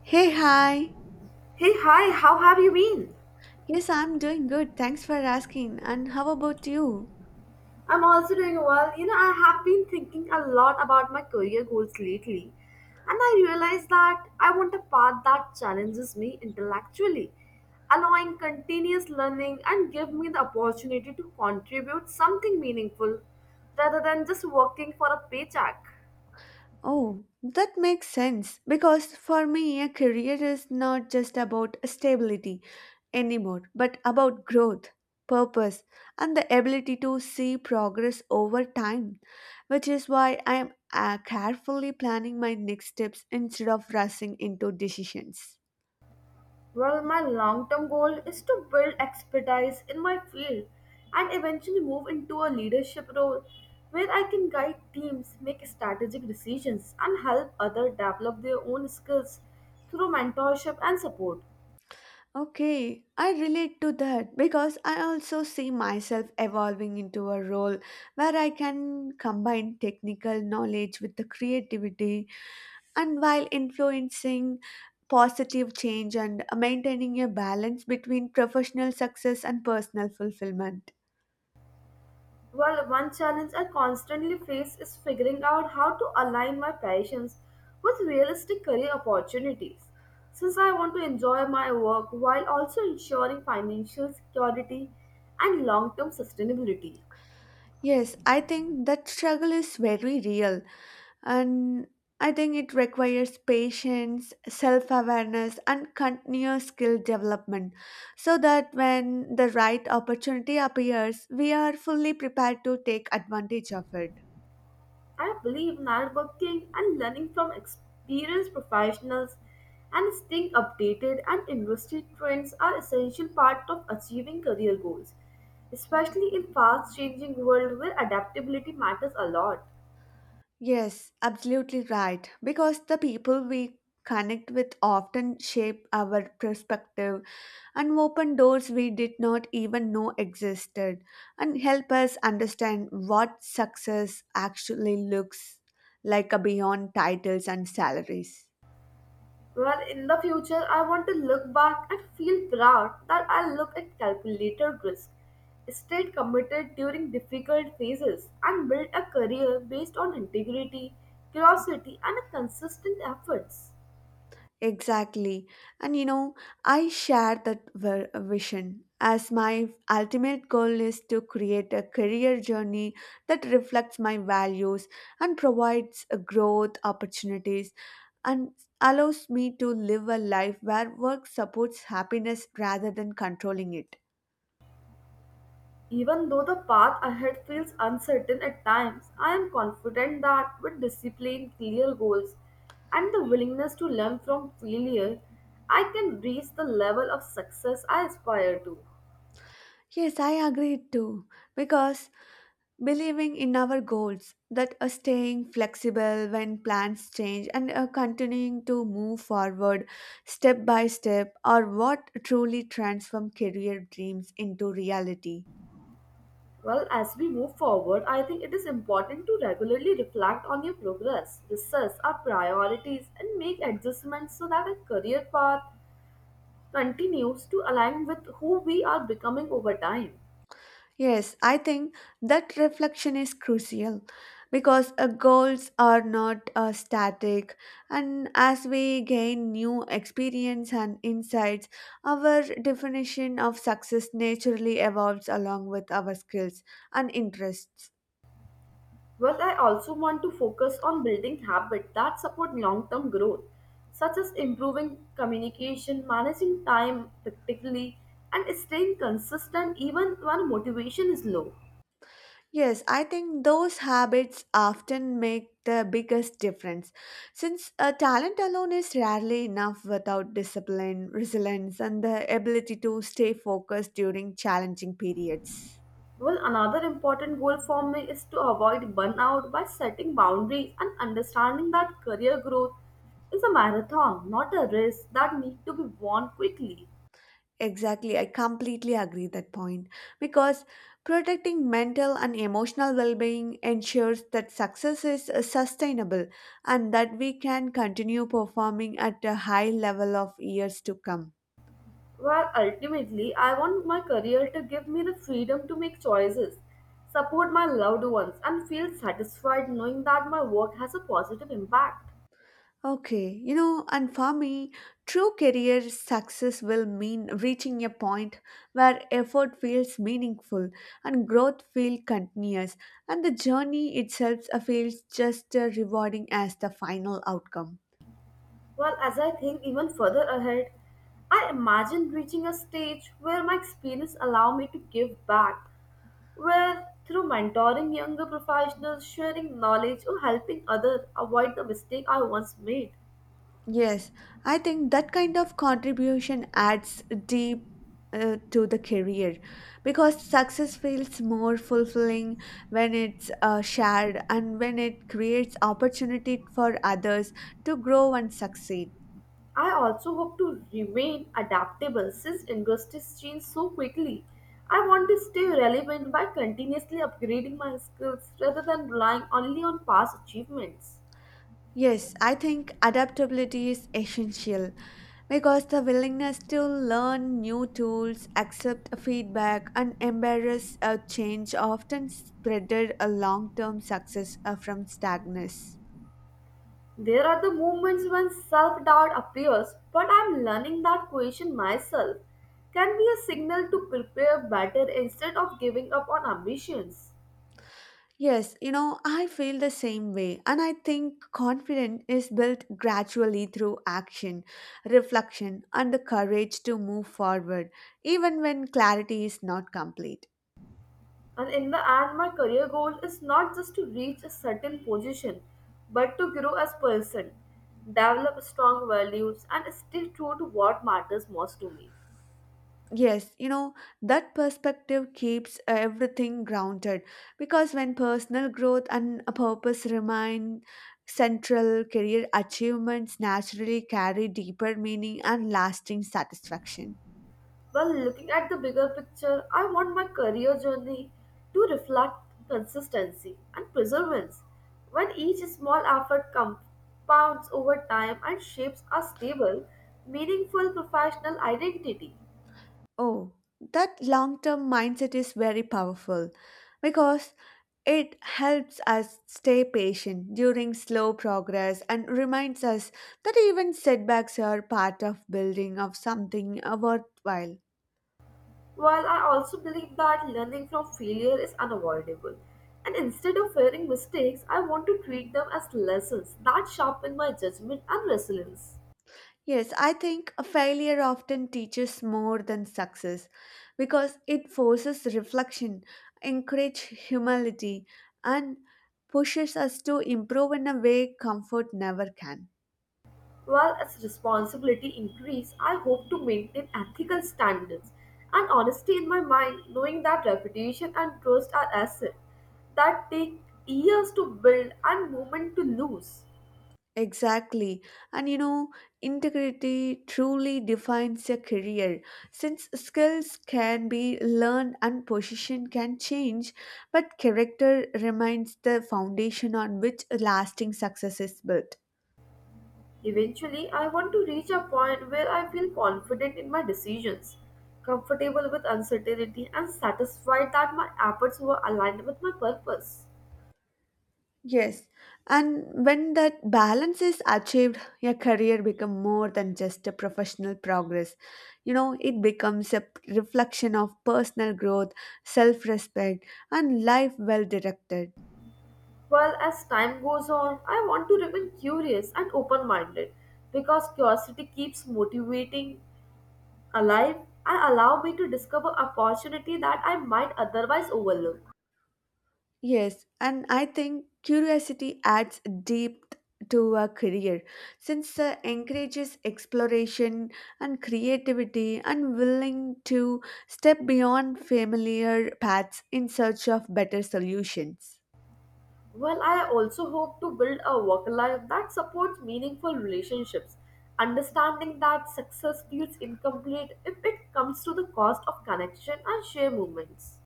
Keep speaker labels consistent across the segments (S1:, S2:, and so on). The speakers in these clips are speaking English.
S1: Hey, hi.
S2: Hey, hi, how have you been?
S1: Yes, I'm doing good. Thanks for asking. And how about you?
S2: I'm also doing well. You know, I have been thinking a lot about my career goals lately, and I realized that I want a path that challenges me intellectually, allowing continuous learning and give me the opportunity to contribute something meaningful rather than just working for a paycheck.
S1: Oh, that makes sense. Because for me, a career is not just about stability anymore, but about growth, purpose, and the ability to see progress over time, which is why I'm carefully planning my next steps instead of rushing into decisions.
S2: Well, my long term goal is to build expertise in my field and eventually move into a leadership role where I can guide teams, make strategic decisions, and help others develop their own skills through mentorship and support.
S1: Okay, I relate to that because I also see myself evolving into a role where I can combine technical knowledge with the creativity and while influencing positive change and maintaining a balance between professional success and personal fulfillment.
S2: Well, one challenge I constantly face is figuring out how to align my passions with realistic career opportunities, since I want to enjoy my work while also ensuring financial security and long term sustainability.
S1: Yes, I think that struggle is very real and I think it requires patience, self awareness, and continuous skill development so that when the right opportunity appears, we are fully prepared to take advantage of it.
S2: I believe networking and learning from experienced professionals and staying updated and industry trends are essential part of achieving career goals, especially in fast changing world where adaptability matters a lot.
S1: Yes, absolutely right. Because the people we connect with often shape our perspective and open doors we did not even know existed and help us understand what success actually looks like beyond titles and salaries.
S2: Well, in the future, I want to look back and feel proud that I look at calculated risk, stayed committed during difficult phases, and built a career based on integrity, curiosity, and consistent efforts.
S1: Exactly. And you know, I share that vision as my ultimate goal is to create a career journey that reflects my values and provides a growth opportunities and allows me to live a life where work supports happiness rather than controlling it.
S2: Even though the path ahead feels uncertain at times, I am confident that with discipline, clear goals, and the willingness to learn from failure, I can reach the level of success I aspire to.
S1: Yes, I agree too. Because believing in our goals that staying flexible when plans change and continuing to move forward step by step are what truly transform career dreams into reality.
S2: Well, as we move forward, I think it is important to regularly reflect on your progress, research our priorities, and make adjustments so that our career path continues to align with who we are becoming over time.
S1: Yes, I think that reflection is crucial because goals are not static and as we gain new experience and insights our definition of success naturally evolves along with our skills and interests.
S2: Well, I also want to focus on building habits that support long term growth, such as improving communication, managing time practically, and staying consistent even when motivation is low.
S1: Yes, I think those habits often make the biggest difference since talent alone is rarely enough without discipline, resilience, and the ability to stay focused during challenging periods.
S2: Well, another important goal for me is to avoid burnout by setting boundaries and understanding that career growth is a marathon, not a race that needs to be won quickly.
S1: Exactly, I completely agree that point because protecting mental and emotional well-being ensures that success is sustainable and that we can continue performing at a high level of years to come.
S2: Well, ultimately, I want my career to give me the freedom to make choices, support my loved ones, and feel satisfied knowing that my work has a positive impact.
S1: Okay, you know, and for me, true career success will mean reaching a point where effort feels meaningful and growth feels continuous, and the journey itself feels just as rewarding as the final outcome.
S2: Well, as I think even further ahead, I imagine reaching a stage where my experience allow me to give back, where through mentoring younger professionals, sharing knowledge, or helping others avoid the mistake I once made.
S1: Yes, I think that kind of contribution adds deep to the career because success feels more fulfilling when it's shared and when it creates opportunity for others to grow and succeed.
S2: I also hope to remain adaptable since industries change so quickly. I want to stay relevant by continuously upgrading my skills rather than relying only on past achievements.
S1: Yes, I think adaptability is essential because the willingness to learn new tools, accept feedback, and embrace a change often spreaded a long-term success from stagnance.
S2: There are the moments when self doubt appears, but I'm learning that question myself can be a signal to prepare better instead of giving up on ambitions.
S1: Yes, you know, I feel the same way. And I think confidence is built gradually through action, reflection, and the courage to move forward, even when clarity is not complete.
S2: And in the end, my career goal is not just to reach a certain position, but to grow as person, develop strong values, and stay true to what matters most to me.
S1: Yes, you know, that perspective keeps everything grounded because when personal growth and a purpose remain central, career achievements naturally carry deeper meaning and lasting satisfaction.
S2: While looking at the bigger picture, I want my career journey to reflect consistency and perseverance, when each small effort compounds over time and shapes a stable, meaningful professional identity.
S1: Oh, that long term mindset is very powerful because it helps us stay patient during slow progress and reminds us that even setbacks are part of building of something worthwhile.
S2: While I also believe that learning from failure is unavoidable, and instead of fearing mistakes, I want to treat them as lessons that sharpen my judgment and resilience.
S1: Yes, I think a failure often teaches more than success because it forces reflection, encourages humility, and pushes us to improve in a way comfort never can.
S2: While as responsibility increase, I hope to maintain ethical standards and honesty in my mind, knowing that reputation and trust are assets that take years to build and moment to lose.
S1: Exactly. And you know, integrity truly defines a career. Since skills can be learned and position can change, but character remains the foundation on which lasting success is built.
S2: Eventually, I want to reach a point where I feel confident in my decisions, comfortable with uncertainty, and satisfied that my efforts were aligned with my purpose.
S1: Yes. And when that balance is achieved, your career becomes more than just a professional progress. You know, it becomes a reflection of personal growth, self respect, and life well directed.
S2: While as time goes on, I want to remain curious and open minded because curiosity keeps motivating alive and allow me to discover opportunity that I might otherwise overlook.
S1: Yes, and I think curiosity adds depth to a career since encourages exploration and creativity and willing to step beyond familiar paths in search of better solutions.
S2: Well, I also hope to build a work life that supports meaningful relationships, understanding that success feels incomplete if it comes to the cost of connection and shared moments.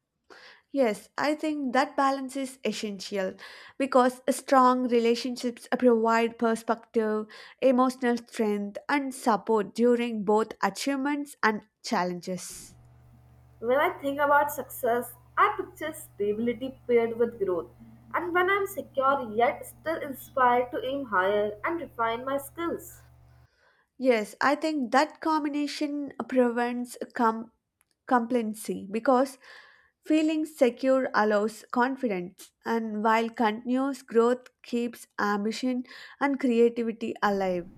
S1: Yes, I think that balance is essential because strong relationships provide perspective, emotional strength, and support during both achievements and challenges.
S2: When I think about success, I picture stability paired with growth, and when I'm secure yet still inspired to aim higher and refine my skills.
S1: Yes, I think that combination prevents complacency because feeling secure allows confidence, and while continuous growth keeps ambition and creativity alive.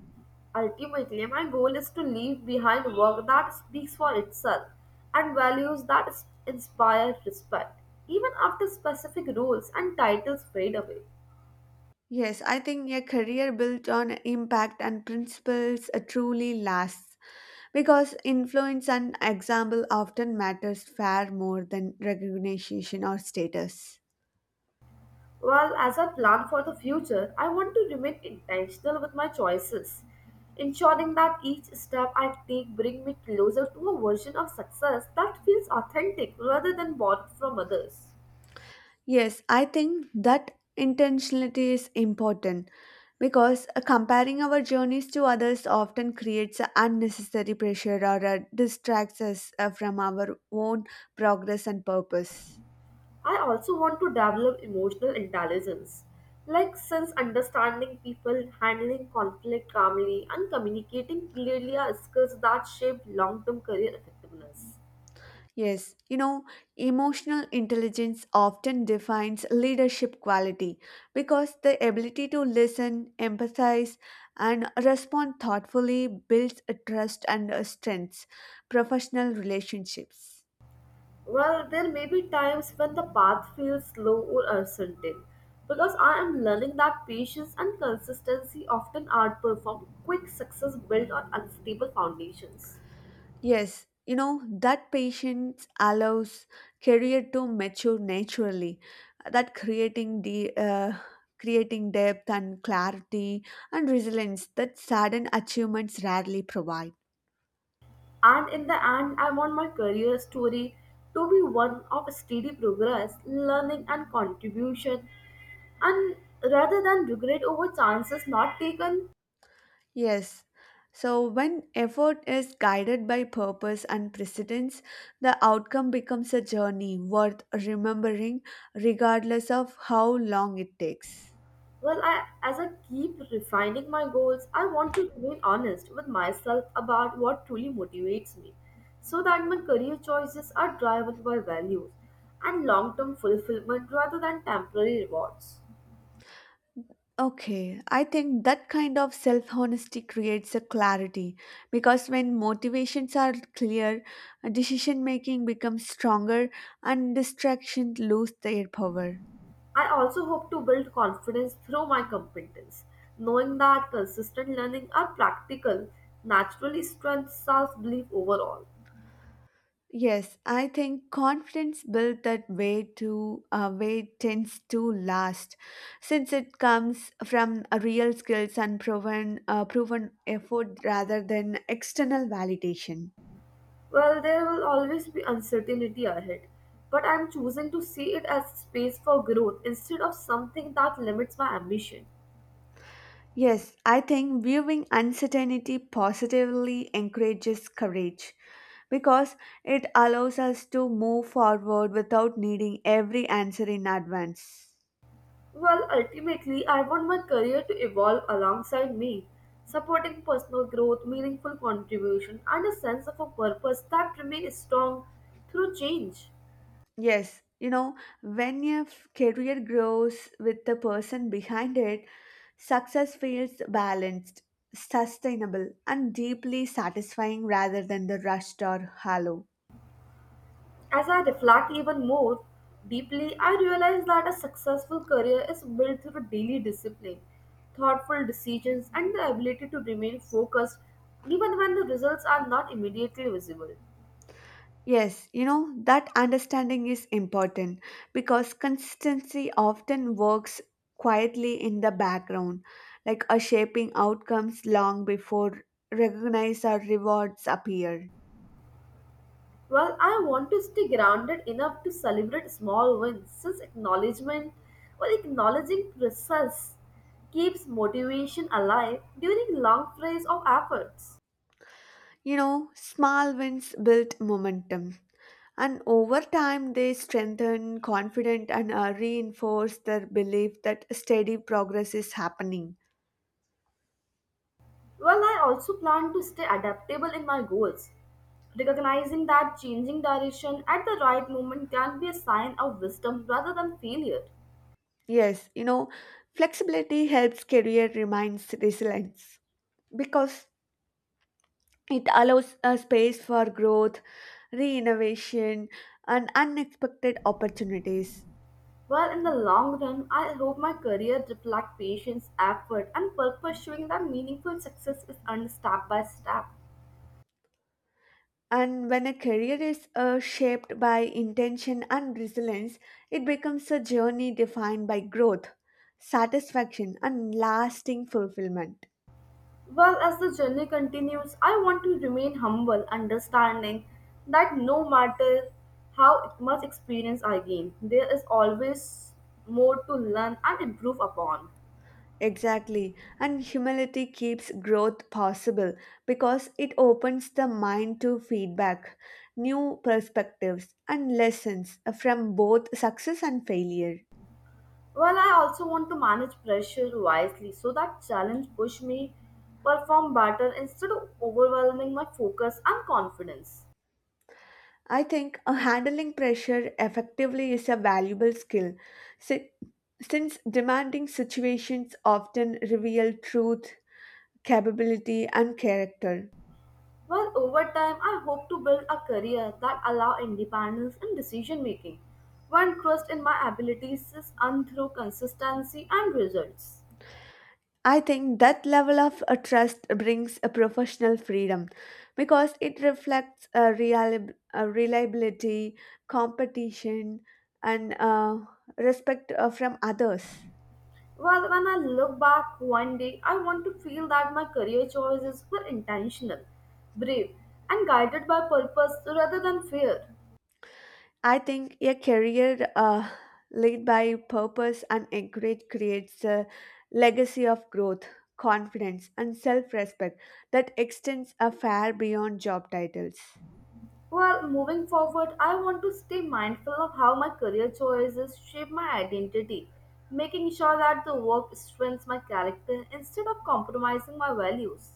S2: Ultimately, my goal is to leave behind work that speaks for itself and values that inspire respect, even after specific roles and titles fade away.
S1: Yes, I think a career built on impact and principles truly lasts because influence and example often matters far more than recognition or status.
S2: Well, as I plan for the future, I want to remain intentional with my choices, ensuring that each step I take bring me closer to a version of success that feels authentic rather than borrowed from others.
S1: Yes, I think that intentionality is important because comparing our journeys to others often creates a unnecessary pressure or distracts us from our own progress and purpose.
S2: I also want to develop emotional intelligence, like since understanding people, handling conflict calmly, and communicating clearly are skills that shape long term career effectiveness.
S1: Yes, you know, emotional intelligence often defines leadership quality because the ability to listen, empathize, and respond thoughtfully builds a trust and strengths professional relationships.
S2: Well, there may be times when the path feels slow or uncertain because I am learning that patience and consistency often outperform quick success built on unstable foundations.
S1: Yes, you know, that patience allows career to mature naturally. That creating depth and clarity and resilience that sudden achievements rarely provide.
S2: And in the end, I want my career story to be one of steady progress, learning, and contribution, and rather than regret over chances not taken,
S1: Yes. So when effort is guided by purpose and precedence, the outcome becomes a journey worth remembering regardless of how long it takes.
S2: well, as I keep refining my goals, I want to remain honest with myself about what truly motivates me so that my career choices are driven by values and long term fulfillment rather than temporary rewards.
S1: Okay, I think that kind of self honesty creates a clarity because when motivations are clear, decision making becomes stronger and distractions lose their power.
S2: I also hope to build confidence through my competence, knowing that consistent learning and practical naturally strengthens self-belief overall.
S1: Yes, I think confidence built that way tends to last, since it comes from a real skills and proven effort rather than external validation.
S2: Well, there will always be uncertainty ahead, but I'm choosing to see it as space for growth instead of something that limits my ambition.
S1: Yes, I think viewing uncertainty positively encourages courage because it allows us to move forward without needing every answer in advance.
S2: Well, ultimately, I want my career to evolve alongside me, supporting personal growth, meaningful contribution, and a sense of a purpose that remains strong through change.
S1: Yes, you know, when your career grows with the person behind it, success feels balanced, sustainable, and deeply satisfying rather than the rushed or hollow.
S2: As I reflect even more deeply, I realize that a successful career is built through daily discipline, thoughtful decisions, and the ability to remain focused even when the results are not immediately visible.
S1: Yes, you know, that understanding is important because consistency often works quietly in the background, like a shaping outcomes long before recognized or rewards appear.
S2: Well, I want to stay grounded enough to celebrate small wins since acknowledgement or acknowledging process keeps motivation alive during long periods of efforts.
S1: You know, small wins build momentum, and over time they strengthen confidence and reinforce their belief that steady progress is happening.
S2: Well, I also plan to stay adaptable in my goals, recognizing that changing direction at the right moment can be a sign of wisdom rather than failure.
S1: Yes, you know, flexibility helps career remains resilience because it allows a space for growth, re-innovation, and unexpected opportunities.
S2: Well, in the long run, I hope my career reflects patience, effort, and purpose, showing that meaningful success is earned step by step.
S1: And when a career is shaped by intention and resilience, it becomes a journey defined by growth, satisfaction, and lasting fulfillment.
S2: Well, as the journey continues, I want to remain humble, understanding that no matter how much experience I gain, there is always more to learn and improve upon.
S1: Exactly. And humility keeps growth possible because it opens the mind to feedback, new perspectives, and lessons from both success and failure.
S2: Well, I also want to manage pressure wisely so that challenge push me perform better instead of overwhelming my focus and confidence.
S1: I think handling pressure effectively is a valuable skill si- since demanding situations often reveal truth, capability, and character.
S2: Well, over time, I hope to build a career that allow independence in decision making, when trust in my abilities is earned through consistency and results.
S1: I think that level of trust brings a professional freedom because it reflects a a reliability, competition, and respect from others.
S2: Well, when I look back one day, I want to feel that my career choices were intentional, brave, and guided by purpose rather than fear.
S1: I think a career led by purpose and encourage creates a legacy of growth, confidence, and self respect that extends a far beyond job titles.
S2: Well, moving forward, I want to stay mindful of how my career choices shape my identity, making sure that the work strengthens my character instead of compromising my values.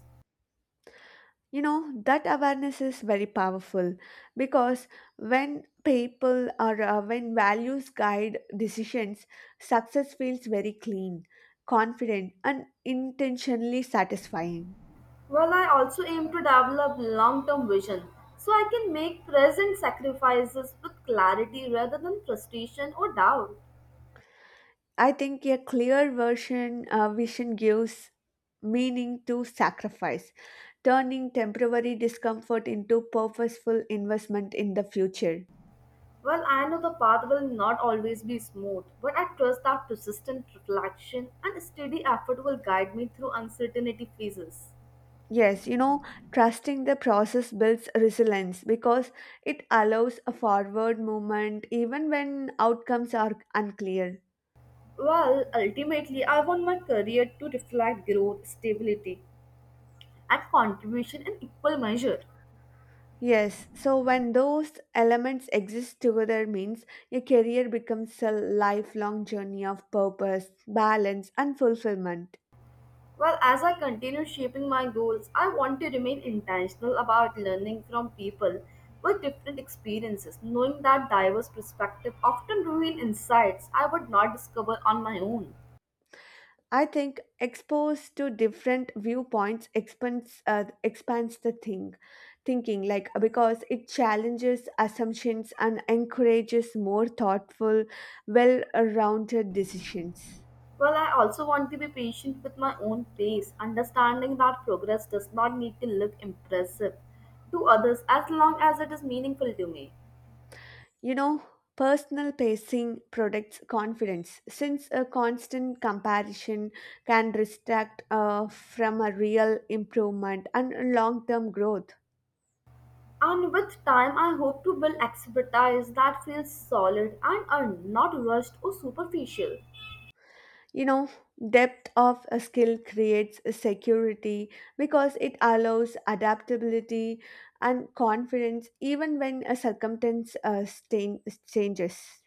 S1: You know, that awareness is very powerful because when people or when values guide decisions, success feels very clean, confident, and intentionally satisfying.
S2: Well, I also aim to develop long term vision so I can make present sacrifices with clarity rather than frustration or doubt.
S1: I think a clear version vision gives meaning to sacrifice, turning temporary discomfort into purposeful investment in the future.
S2: Well, I know the path will not always be smooth, but I trust that persistent reflection and steady effort will guide me through uncertainty phases.
S1: Yes, you know, trusting the process builds resilience because it allows a forward movement even when outcomes are unclear.
S2: Well, ultimately, I want my career to reflect growth, stability, and contribution in equal measure.
S1: Yes, so when those elements exist together means your career becomes a lifelong journey of purpose, balance and fulfillment.
S2: Well, as I continue shaping my goals, I want to remain intentional about learning from people with different experiences, knowing that diverse perspectives often reveal insights I would not discover on my own.
S1: I think exposed to different viewpoints expands the thing thinking like because it challenges assumptions and encourages more thoughtful well-rounded decisions.
S2: Well, I also want to be patient with my own pace, understanding that progress does not need to look impressive to others as long as it is meaningful to me.
S1: You know, personal pacing protects confidence since a constant comparison can distract from a real improvement and long-term growth.
S2: And with time, I hope to build expertise that feels solid and are not rushed or superficial.
S1: You know, depth of a skill creates a security because it allows adaptability and confidence even when a circumstance changes.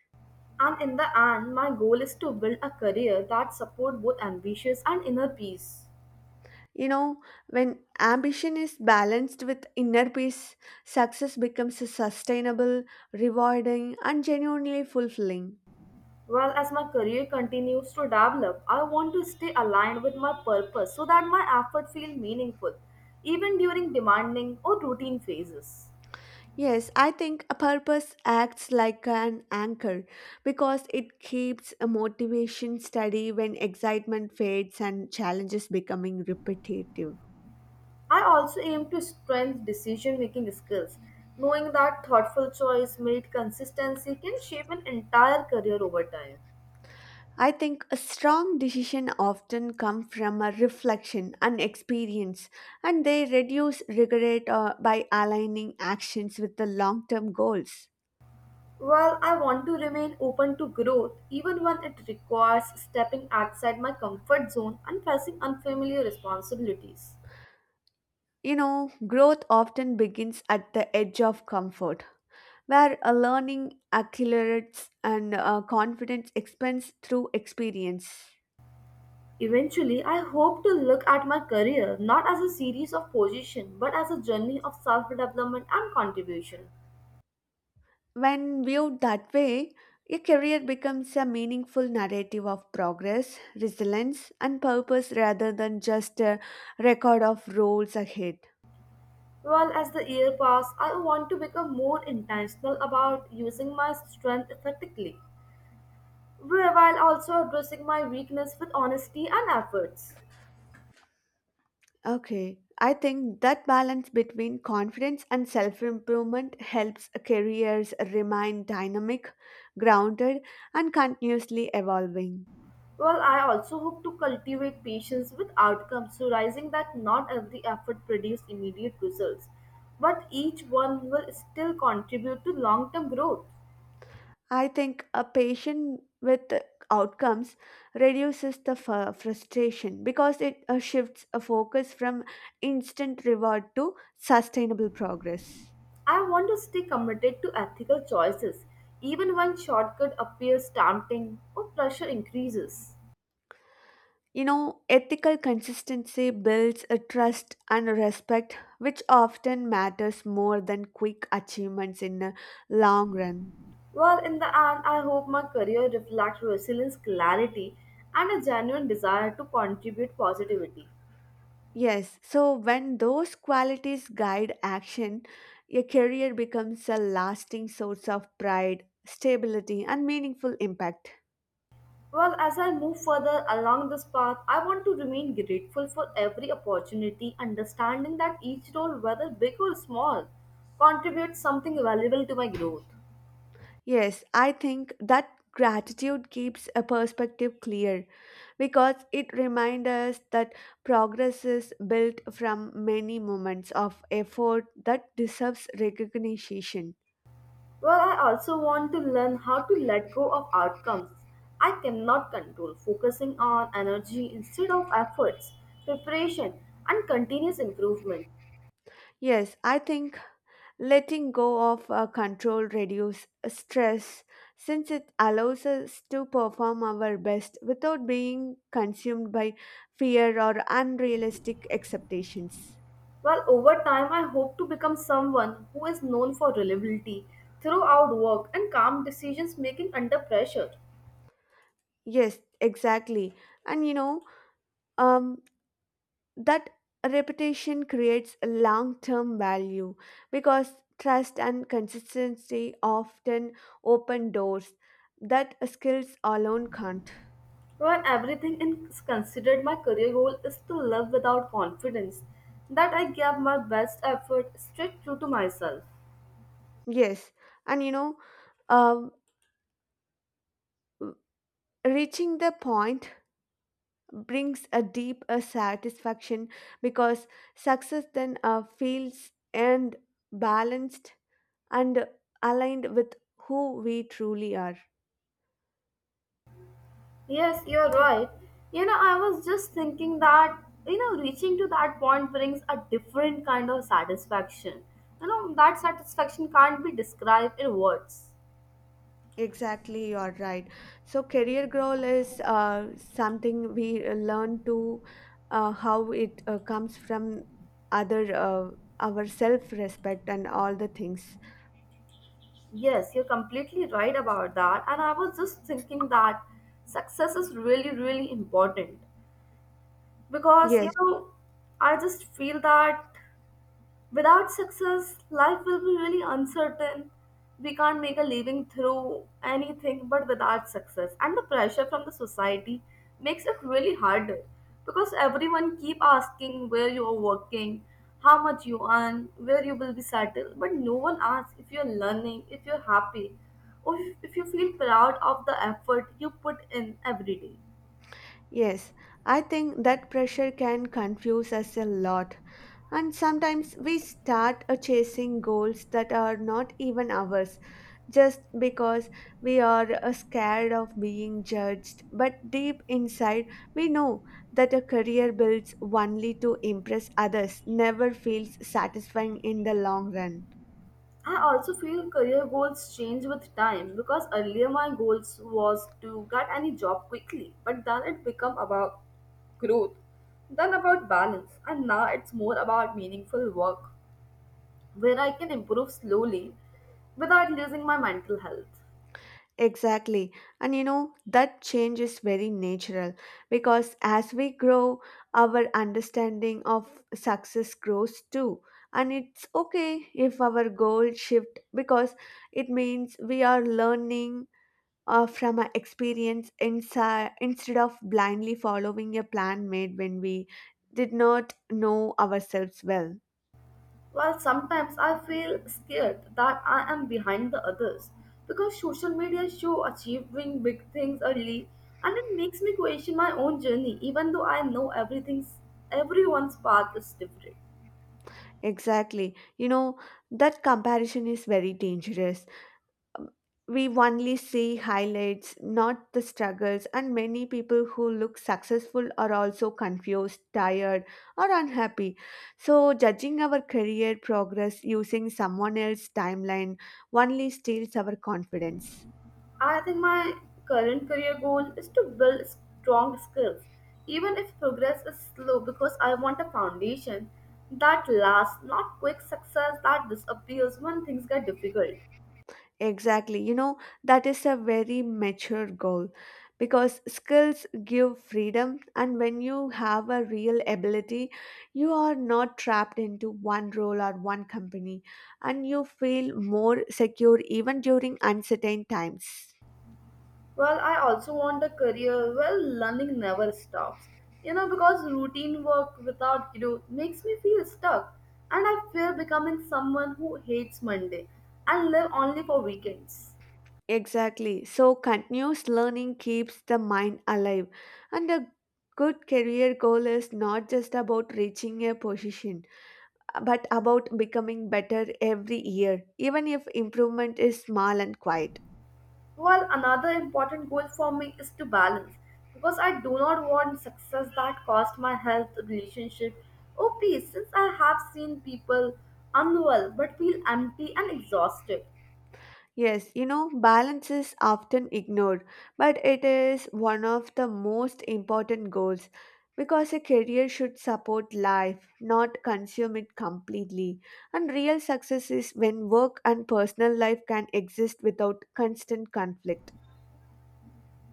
S2: And in the end, my goal is to build a career that supports both ambitions and inner peace.
S1: You know, when ambition is balanced with inner peace success becomes sustainable rewarding and genuinely fulfilling.
S2: Well, as my career continues to develop, I want to stay aligned with my purpose so that my effort feel meaningful, even during demanding or routine phases.
S1: Yes, I think a purpose acts like an anchor because it keeps a motivation steady when excitement fades and challenges becoming repetitive.
S2: I also aim to strengthen decision making skills, knowing that thoughtful choice made consistency can shape an entire career over time.
S1: I think a strong decision often come from a reflection and experience and they reduce regret by aligning actions with the long-term goals.
S2: While I want to remain open to growth, even when it requires stepping outside my comfort zone and facing unfamiliar responsibilities.
S1: You know, growth often begins at the edge of comfort where learning accelerates and confidence expands through experience.
S2: Eventually, I hope to look at my career not as a series of positions but as a journey of self development and contribution.
S1: When viewed that way, a career becomes a meaningful narrative of progress, resilience, and purpose rather than just a record of roles ahead.
S2: Well, as the year passes, I want to become more intentional about using my strength effectively, while also addressing my weakness with honesty and efforts.
S1: Okay, I think that balance between confidence and self improvement helps careers remain dynamic, grounded, and continuously evolving.
S2: Well, I also hope to cultivate patience with outcomes, realizing that not every effort produces immediate results, but each one will still contribute to long term growth.
S1: I think a patient with outcomes reduces the frustration because it shifts a focus from instant reward to sustainable progress.
S2: I want to stay committed to ethical choices, even when shortcut appears tempting or pressure increases.
S1: You know, ethical consistency builds a trust and a respect, which often matters more than quick achievements in the long run.
S2: Well, in the end, I hope my career reflects resilience, clarity, and a genuine desire to contribute positivity.
S1: Yes, so when those qualities guide action, a career becomes a lasting source of pride, stability, and meaningful impact.
S2: Well, as I move further along this path, I want to remain grateful for every opportunity, understanding that each role, whether big or small, contributes something valuable to my growth.
S1: Yes, I think that gratitude keeps a perspective clear because it reminds us that progress is built from many moments of effort that deserves recognition.
S2: Well, I also want to learn how to let go of outcomes I cannot control, focusing on energy instead of efforts, preparation, and continuous improvement.
S1: Yes, I think letting go of control reduces stress since it allows us to perform our best without being consumed by fear or unrealistic expectations.
S2: Well, over time, I hope to become someone who is known for reliability throughout work and calm decisions making under pressure.
S1: Yes, exactly. And you know, um, that reputation creates a long-term value because trust and consistency often open doors that skills alone can't.
S2: When everything is considered, my career goal is to live without confidence that I gave my best effort straight true to myself.
S1: Yes, and you know, um, reaching the point brings a deep satisfaction because success then feels and balanced and aligned with who we truly are.
S2: Yes, you're right. You know, I was just thinking that, you know, reaching to that point brings a different kind of satisfaction. You know, that satisfaction can't be described in words.
S1: Exactly, you're right. So, career goal is something we learn to how it comes from other our self respect and all the things.
S2: Yes, you're completely right about that. And I was just thinking that success is really, really important because, you
S1: Yes.
S2: know, I just feel that without success, life will be really uncertain. We can't make a living through anything but without success. And the pressure from the society makes it really harder because everyone keep asking where you are working, how much you earn, where you will be settled, but no one asks if you're learning, if you're happy, or if you feel proud of the effort you put in every day.
S1: Yes, I think that pressure can confuse us a lot, and sometimes we start chasing goals that are not even ours just because we are scared of being judged. But deep inside, we know that a career built only to impress others never feels satisfying in the long run.
S2: I also feel career goals change with time because earlier my goals was to get any job quickly, but then it become about growth, then about balance, and now it's more about meaningful work where I can improve slowly without losing my mental health.
S1: Exactly. And you know, that change is very natural because as we grow, our understanding of success grows too. And it's okay if our goals shift because it means we are learning from our experience inside instead of blindly following a plan made when we did not know ourselves well.
S2: While sometimes I feel scared that I am behind the others because social media show achieving big things early and it makes me question my own journey even though I know everything's everyone's path is different.
S1: Exactly. You know, that comparison is very dangerous, we only see highlights, not the struggles, and many people who look successful are also confused, tired, or unhappy. So, judging our career progress using someone else's timeline only steals our confidence.
S2: I think my current career goal is to build strong skills even if progress is slow because I want a foundation that lasts not quick success that disappears when things get difficult.
S1: Exactly. You know, that is a very mature goal because skills give freedom, and when you have a real ability, you are not trapped into one role or one company, and you feel more secure even during uncertain times.
S2: Well, I also want a career where learning never stops. You know, because routine work without growth makes me feel stuck, and I fear becoming someone who hates Monday and live only for weekends.
S1: Exactly. So, continuous learning keeps the mind alive, and a good career goal is not just about reaching a position, but about becoming better every year, even if improvement is small and quiet.
S2: Well, another important goal for me is to balance because I do not want success that cost my health, relationship, or peace. Since I have seen people unwell but feel empty and exhausted,
S1: Yes, you know, balance is often ignored, but it is one of the most important goals because a career should support life, not consume it completely. And real success is when work and personal life can exist without constant conflict.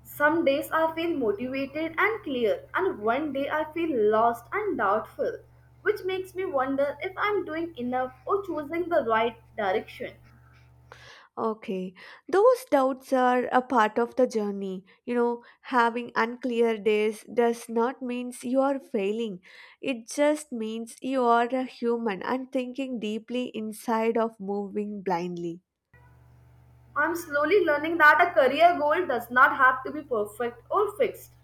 S2: some days I feel motivated and clear, and one day I feel lost and doubtful, which makes me wonder if I'm doing enough or choosing the right direction.
S1: Okay, those doubts are a part of the journey. You know, having unclear days does not means you are failing. It just means you are a human and thinking deeply inside of moving blindly.
S2: I'm slowly learning that a career goal does not have to be perfect or fixed.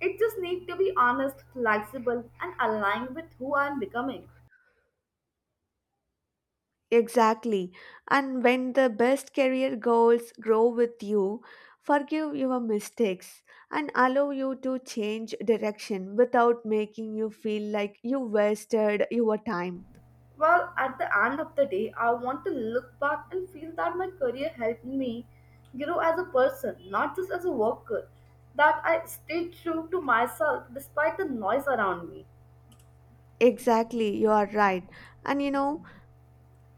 S2: It just needs to be honest, flexible, and aligned with who I'm becoming.
S1: Exactly. And when the best career goals grow with you, forgive your mistakes and allow you to change direction without making you feel like you wasted your time.
S2: Well, at the end of the day, I want to look back and feel that my career helped me grow as a person, not just as a worker. That I stayed true to myself despite the noise around me.
S1: Exactly, you are right. And you know,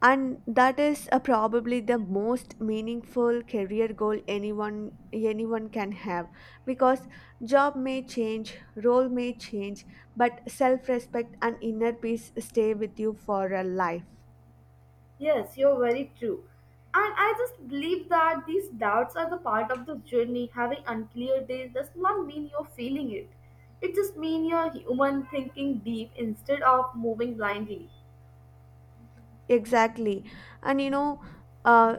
S1: and that is probably the most meaningful career goal anyone can have because job may change, role may change, but self-respect and inner peace stay with you for a life.
S2: Yes, you're very true. And I just believe that these doubts are the part of the journey. Having unclear days does not mean you're feeling it. It just means you're human thinking deep instead of moving blindly.
S1: Exactly. And you know, uh,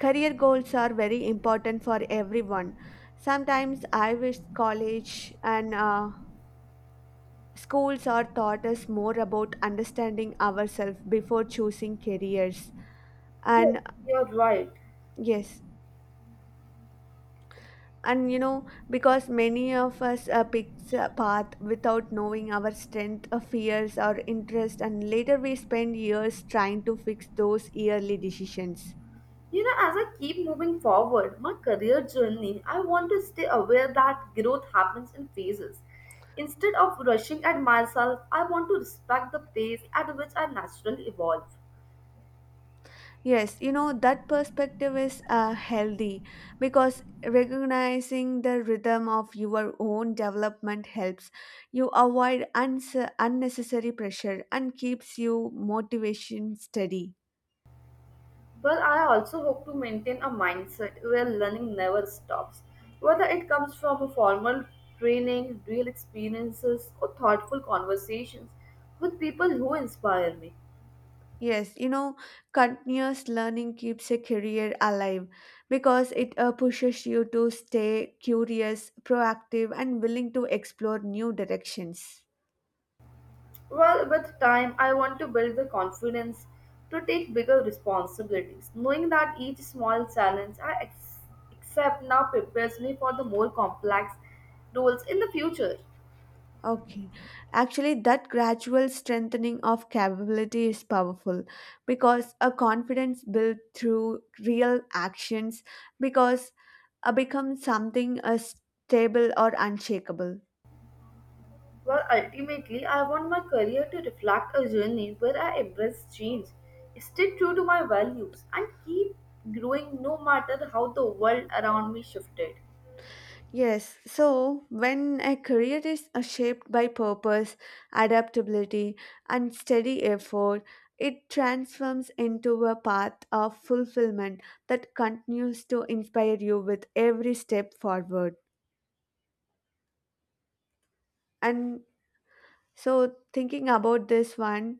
S1: career goals are very important for everyone. Sometimes I wish college and Schools are taught us more about understanding ourselves before choosing careers.
S2: Yes,
S1: And
S2: you're right.
S1: yes, and you know, because many of us picks a path without knowing our strength, fears, or interest, and later we spend years trying to fix those yearly decisions.
S2: You know, as I keep moving forward my career journey, I want to stay aware that growth happens in phases. Instead of rushing at myself, I want to respect the pace at which I naturally evolve.
S1: Yes, you know, that perspective is healthy because recognizing the rhythm of your own development helps you avoid unnecessary pressure and keeps you motivation steady.
S2: But I also hope to maintain a mindset where learning never stops, whether it comes from a formal training, real experiences, or thoughtful conversations with people who inspire me.
S1: Yes, you know, continuous learning keeps a career alive because it pushes you to stay curious, proactive, and willing to explore new directions.
S2: Well, with time, I want to build the confidence to take bigger responsibilities, knowing that each small challenge I accept now prepares me for the more complex roles in the future.
S1: Okay. Actually, that gradual strengthening of capability is powerful because a confidence built through real actions because becomes something stable or unshakable.
S2: Well, ultimately, I want my career to reflect a journey where I embrace change, stay true to my values, and keep growing no matter how the world around me shifted.
S1: Yes, so when a career is shaped by purpose, adaptability, and steady effort, it transforms into a path of fulfillment that continues to inspire you with every step forward. And so thinking about this one,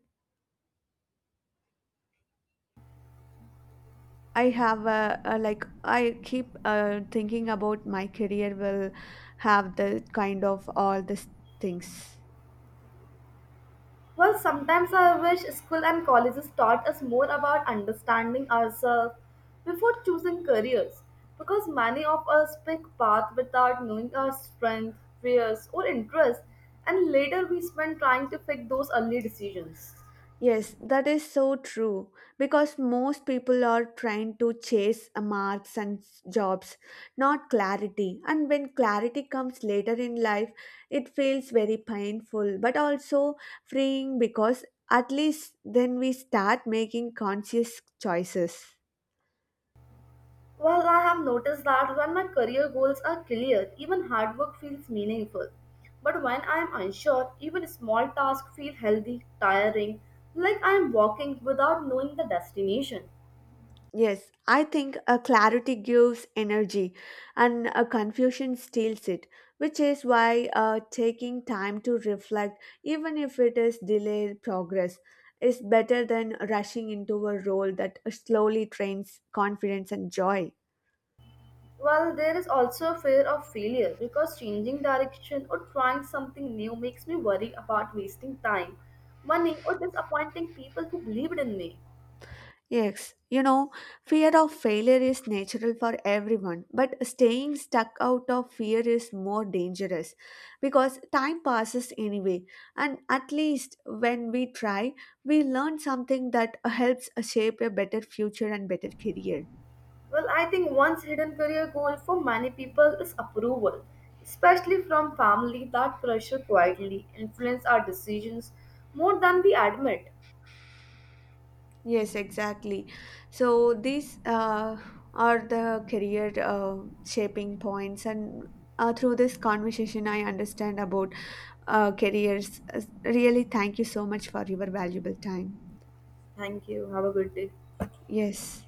S1: I have a like I keep thinking about my career will have the kind of all these things.
S2: Well, sometimes I wish school and colleges taught us more about understanding ourselves before choosing careers because many of us pick paths without knowing our strength, fears, or interests, and later we spend trying to fix those early decisions.
S1: Yes, that is so true because most people are trying to chase marks and jobs, not clarity. And when clarity comes later in life, it feels very painful but also freeing because at least then we start making conscious choices.
S2: Well, I have noticed that when my career goals are clear, even hard work feels meaningful. But when I am unsure, even small tasks feel healthy, tiring, like I am walking without knowing the destination.
S1: Yes, I think a clarity gives energy and a confusion steals it, which is why taking time to reflect, even if it is delayed progress, is better than rushing into a role that slowly trains confidence and joy.
S2: Well, there is also a fear of failure because changing direction or trying something new makes me worry about wasting time, money, or disappointing people who believed in me.
S1: Yes, you know, fear of failure is natural for everyone, but staying stuck out of fear is more dangerous because time passes anyway. And at least when we try, we learn something that helps shape a better future and better career.
S2: Well, I think one's hidden career goal for many people is approval, especially from family. That pressure quietly influences our decisions more than we admit.
S1: Yes, exactly. So these are the career shaping points, and through this conversation, I understand about careers. Really, thank you so much for your valuable time.
S2: Thank you. Have a good day.
S1: Yes.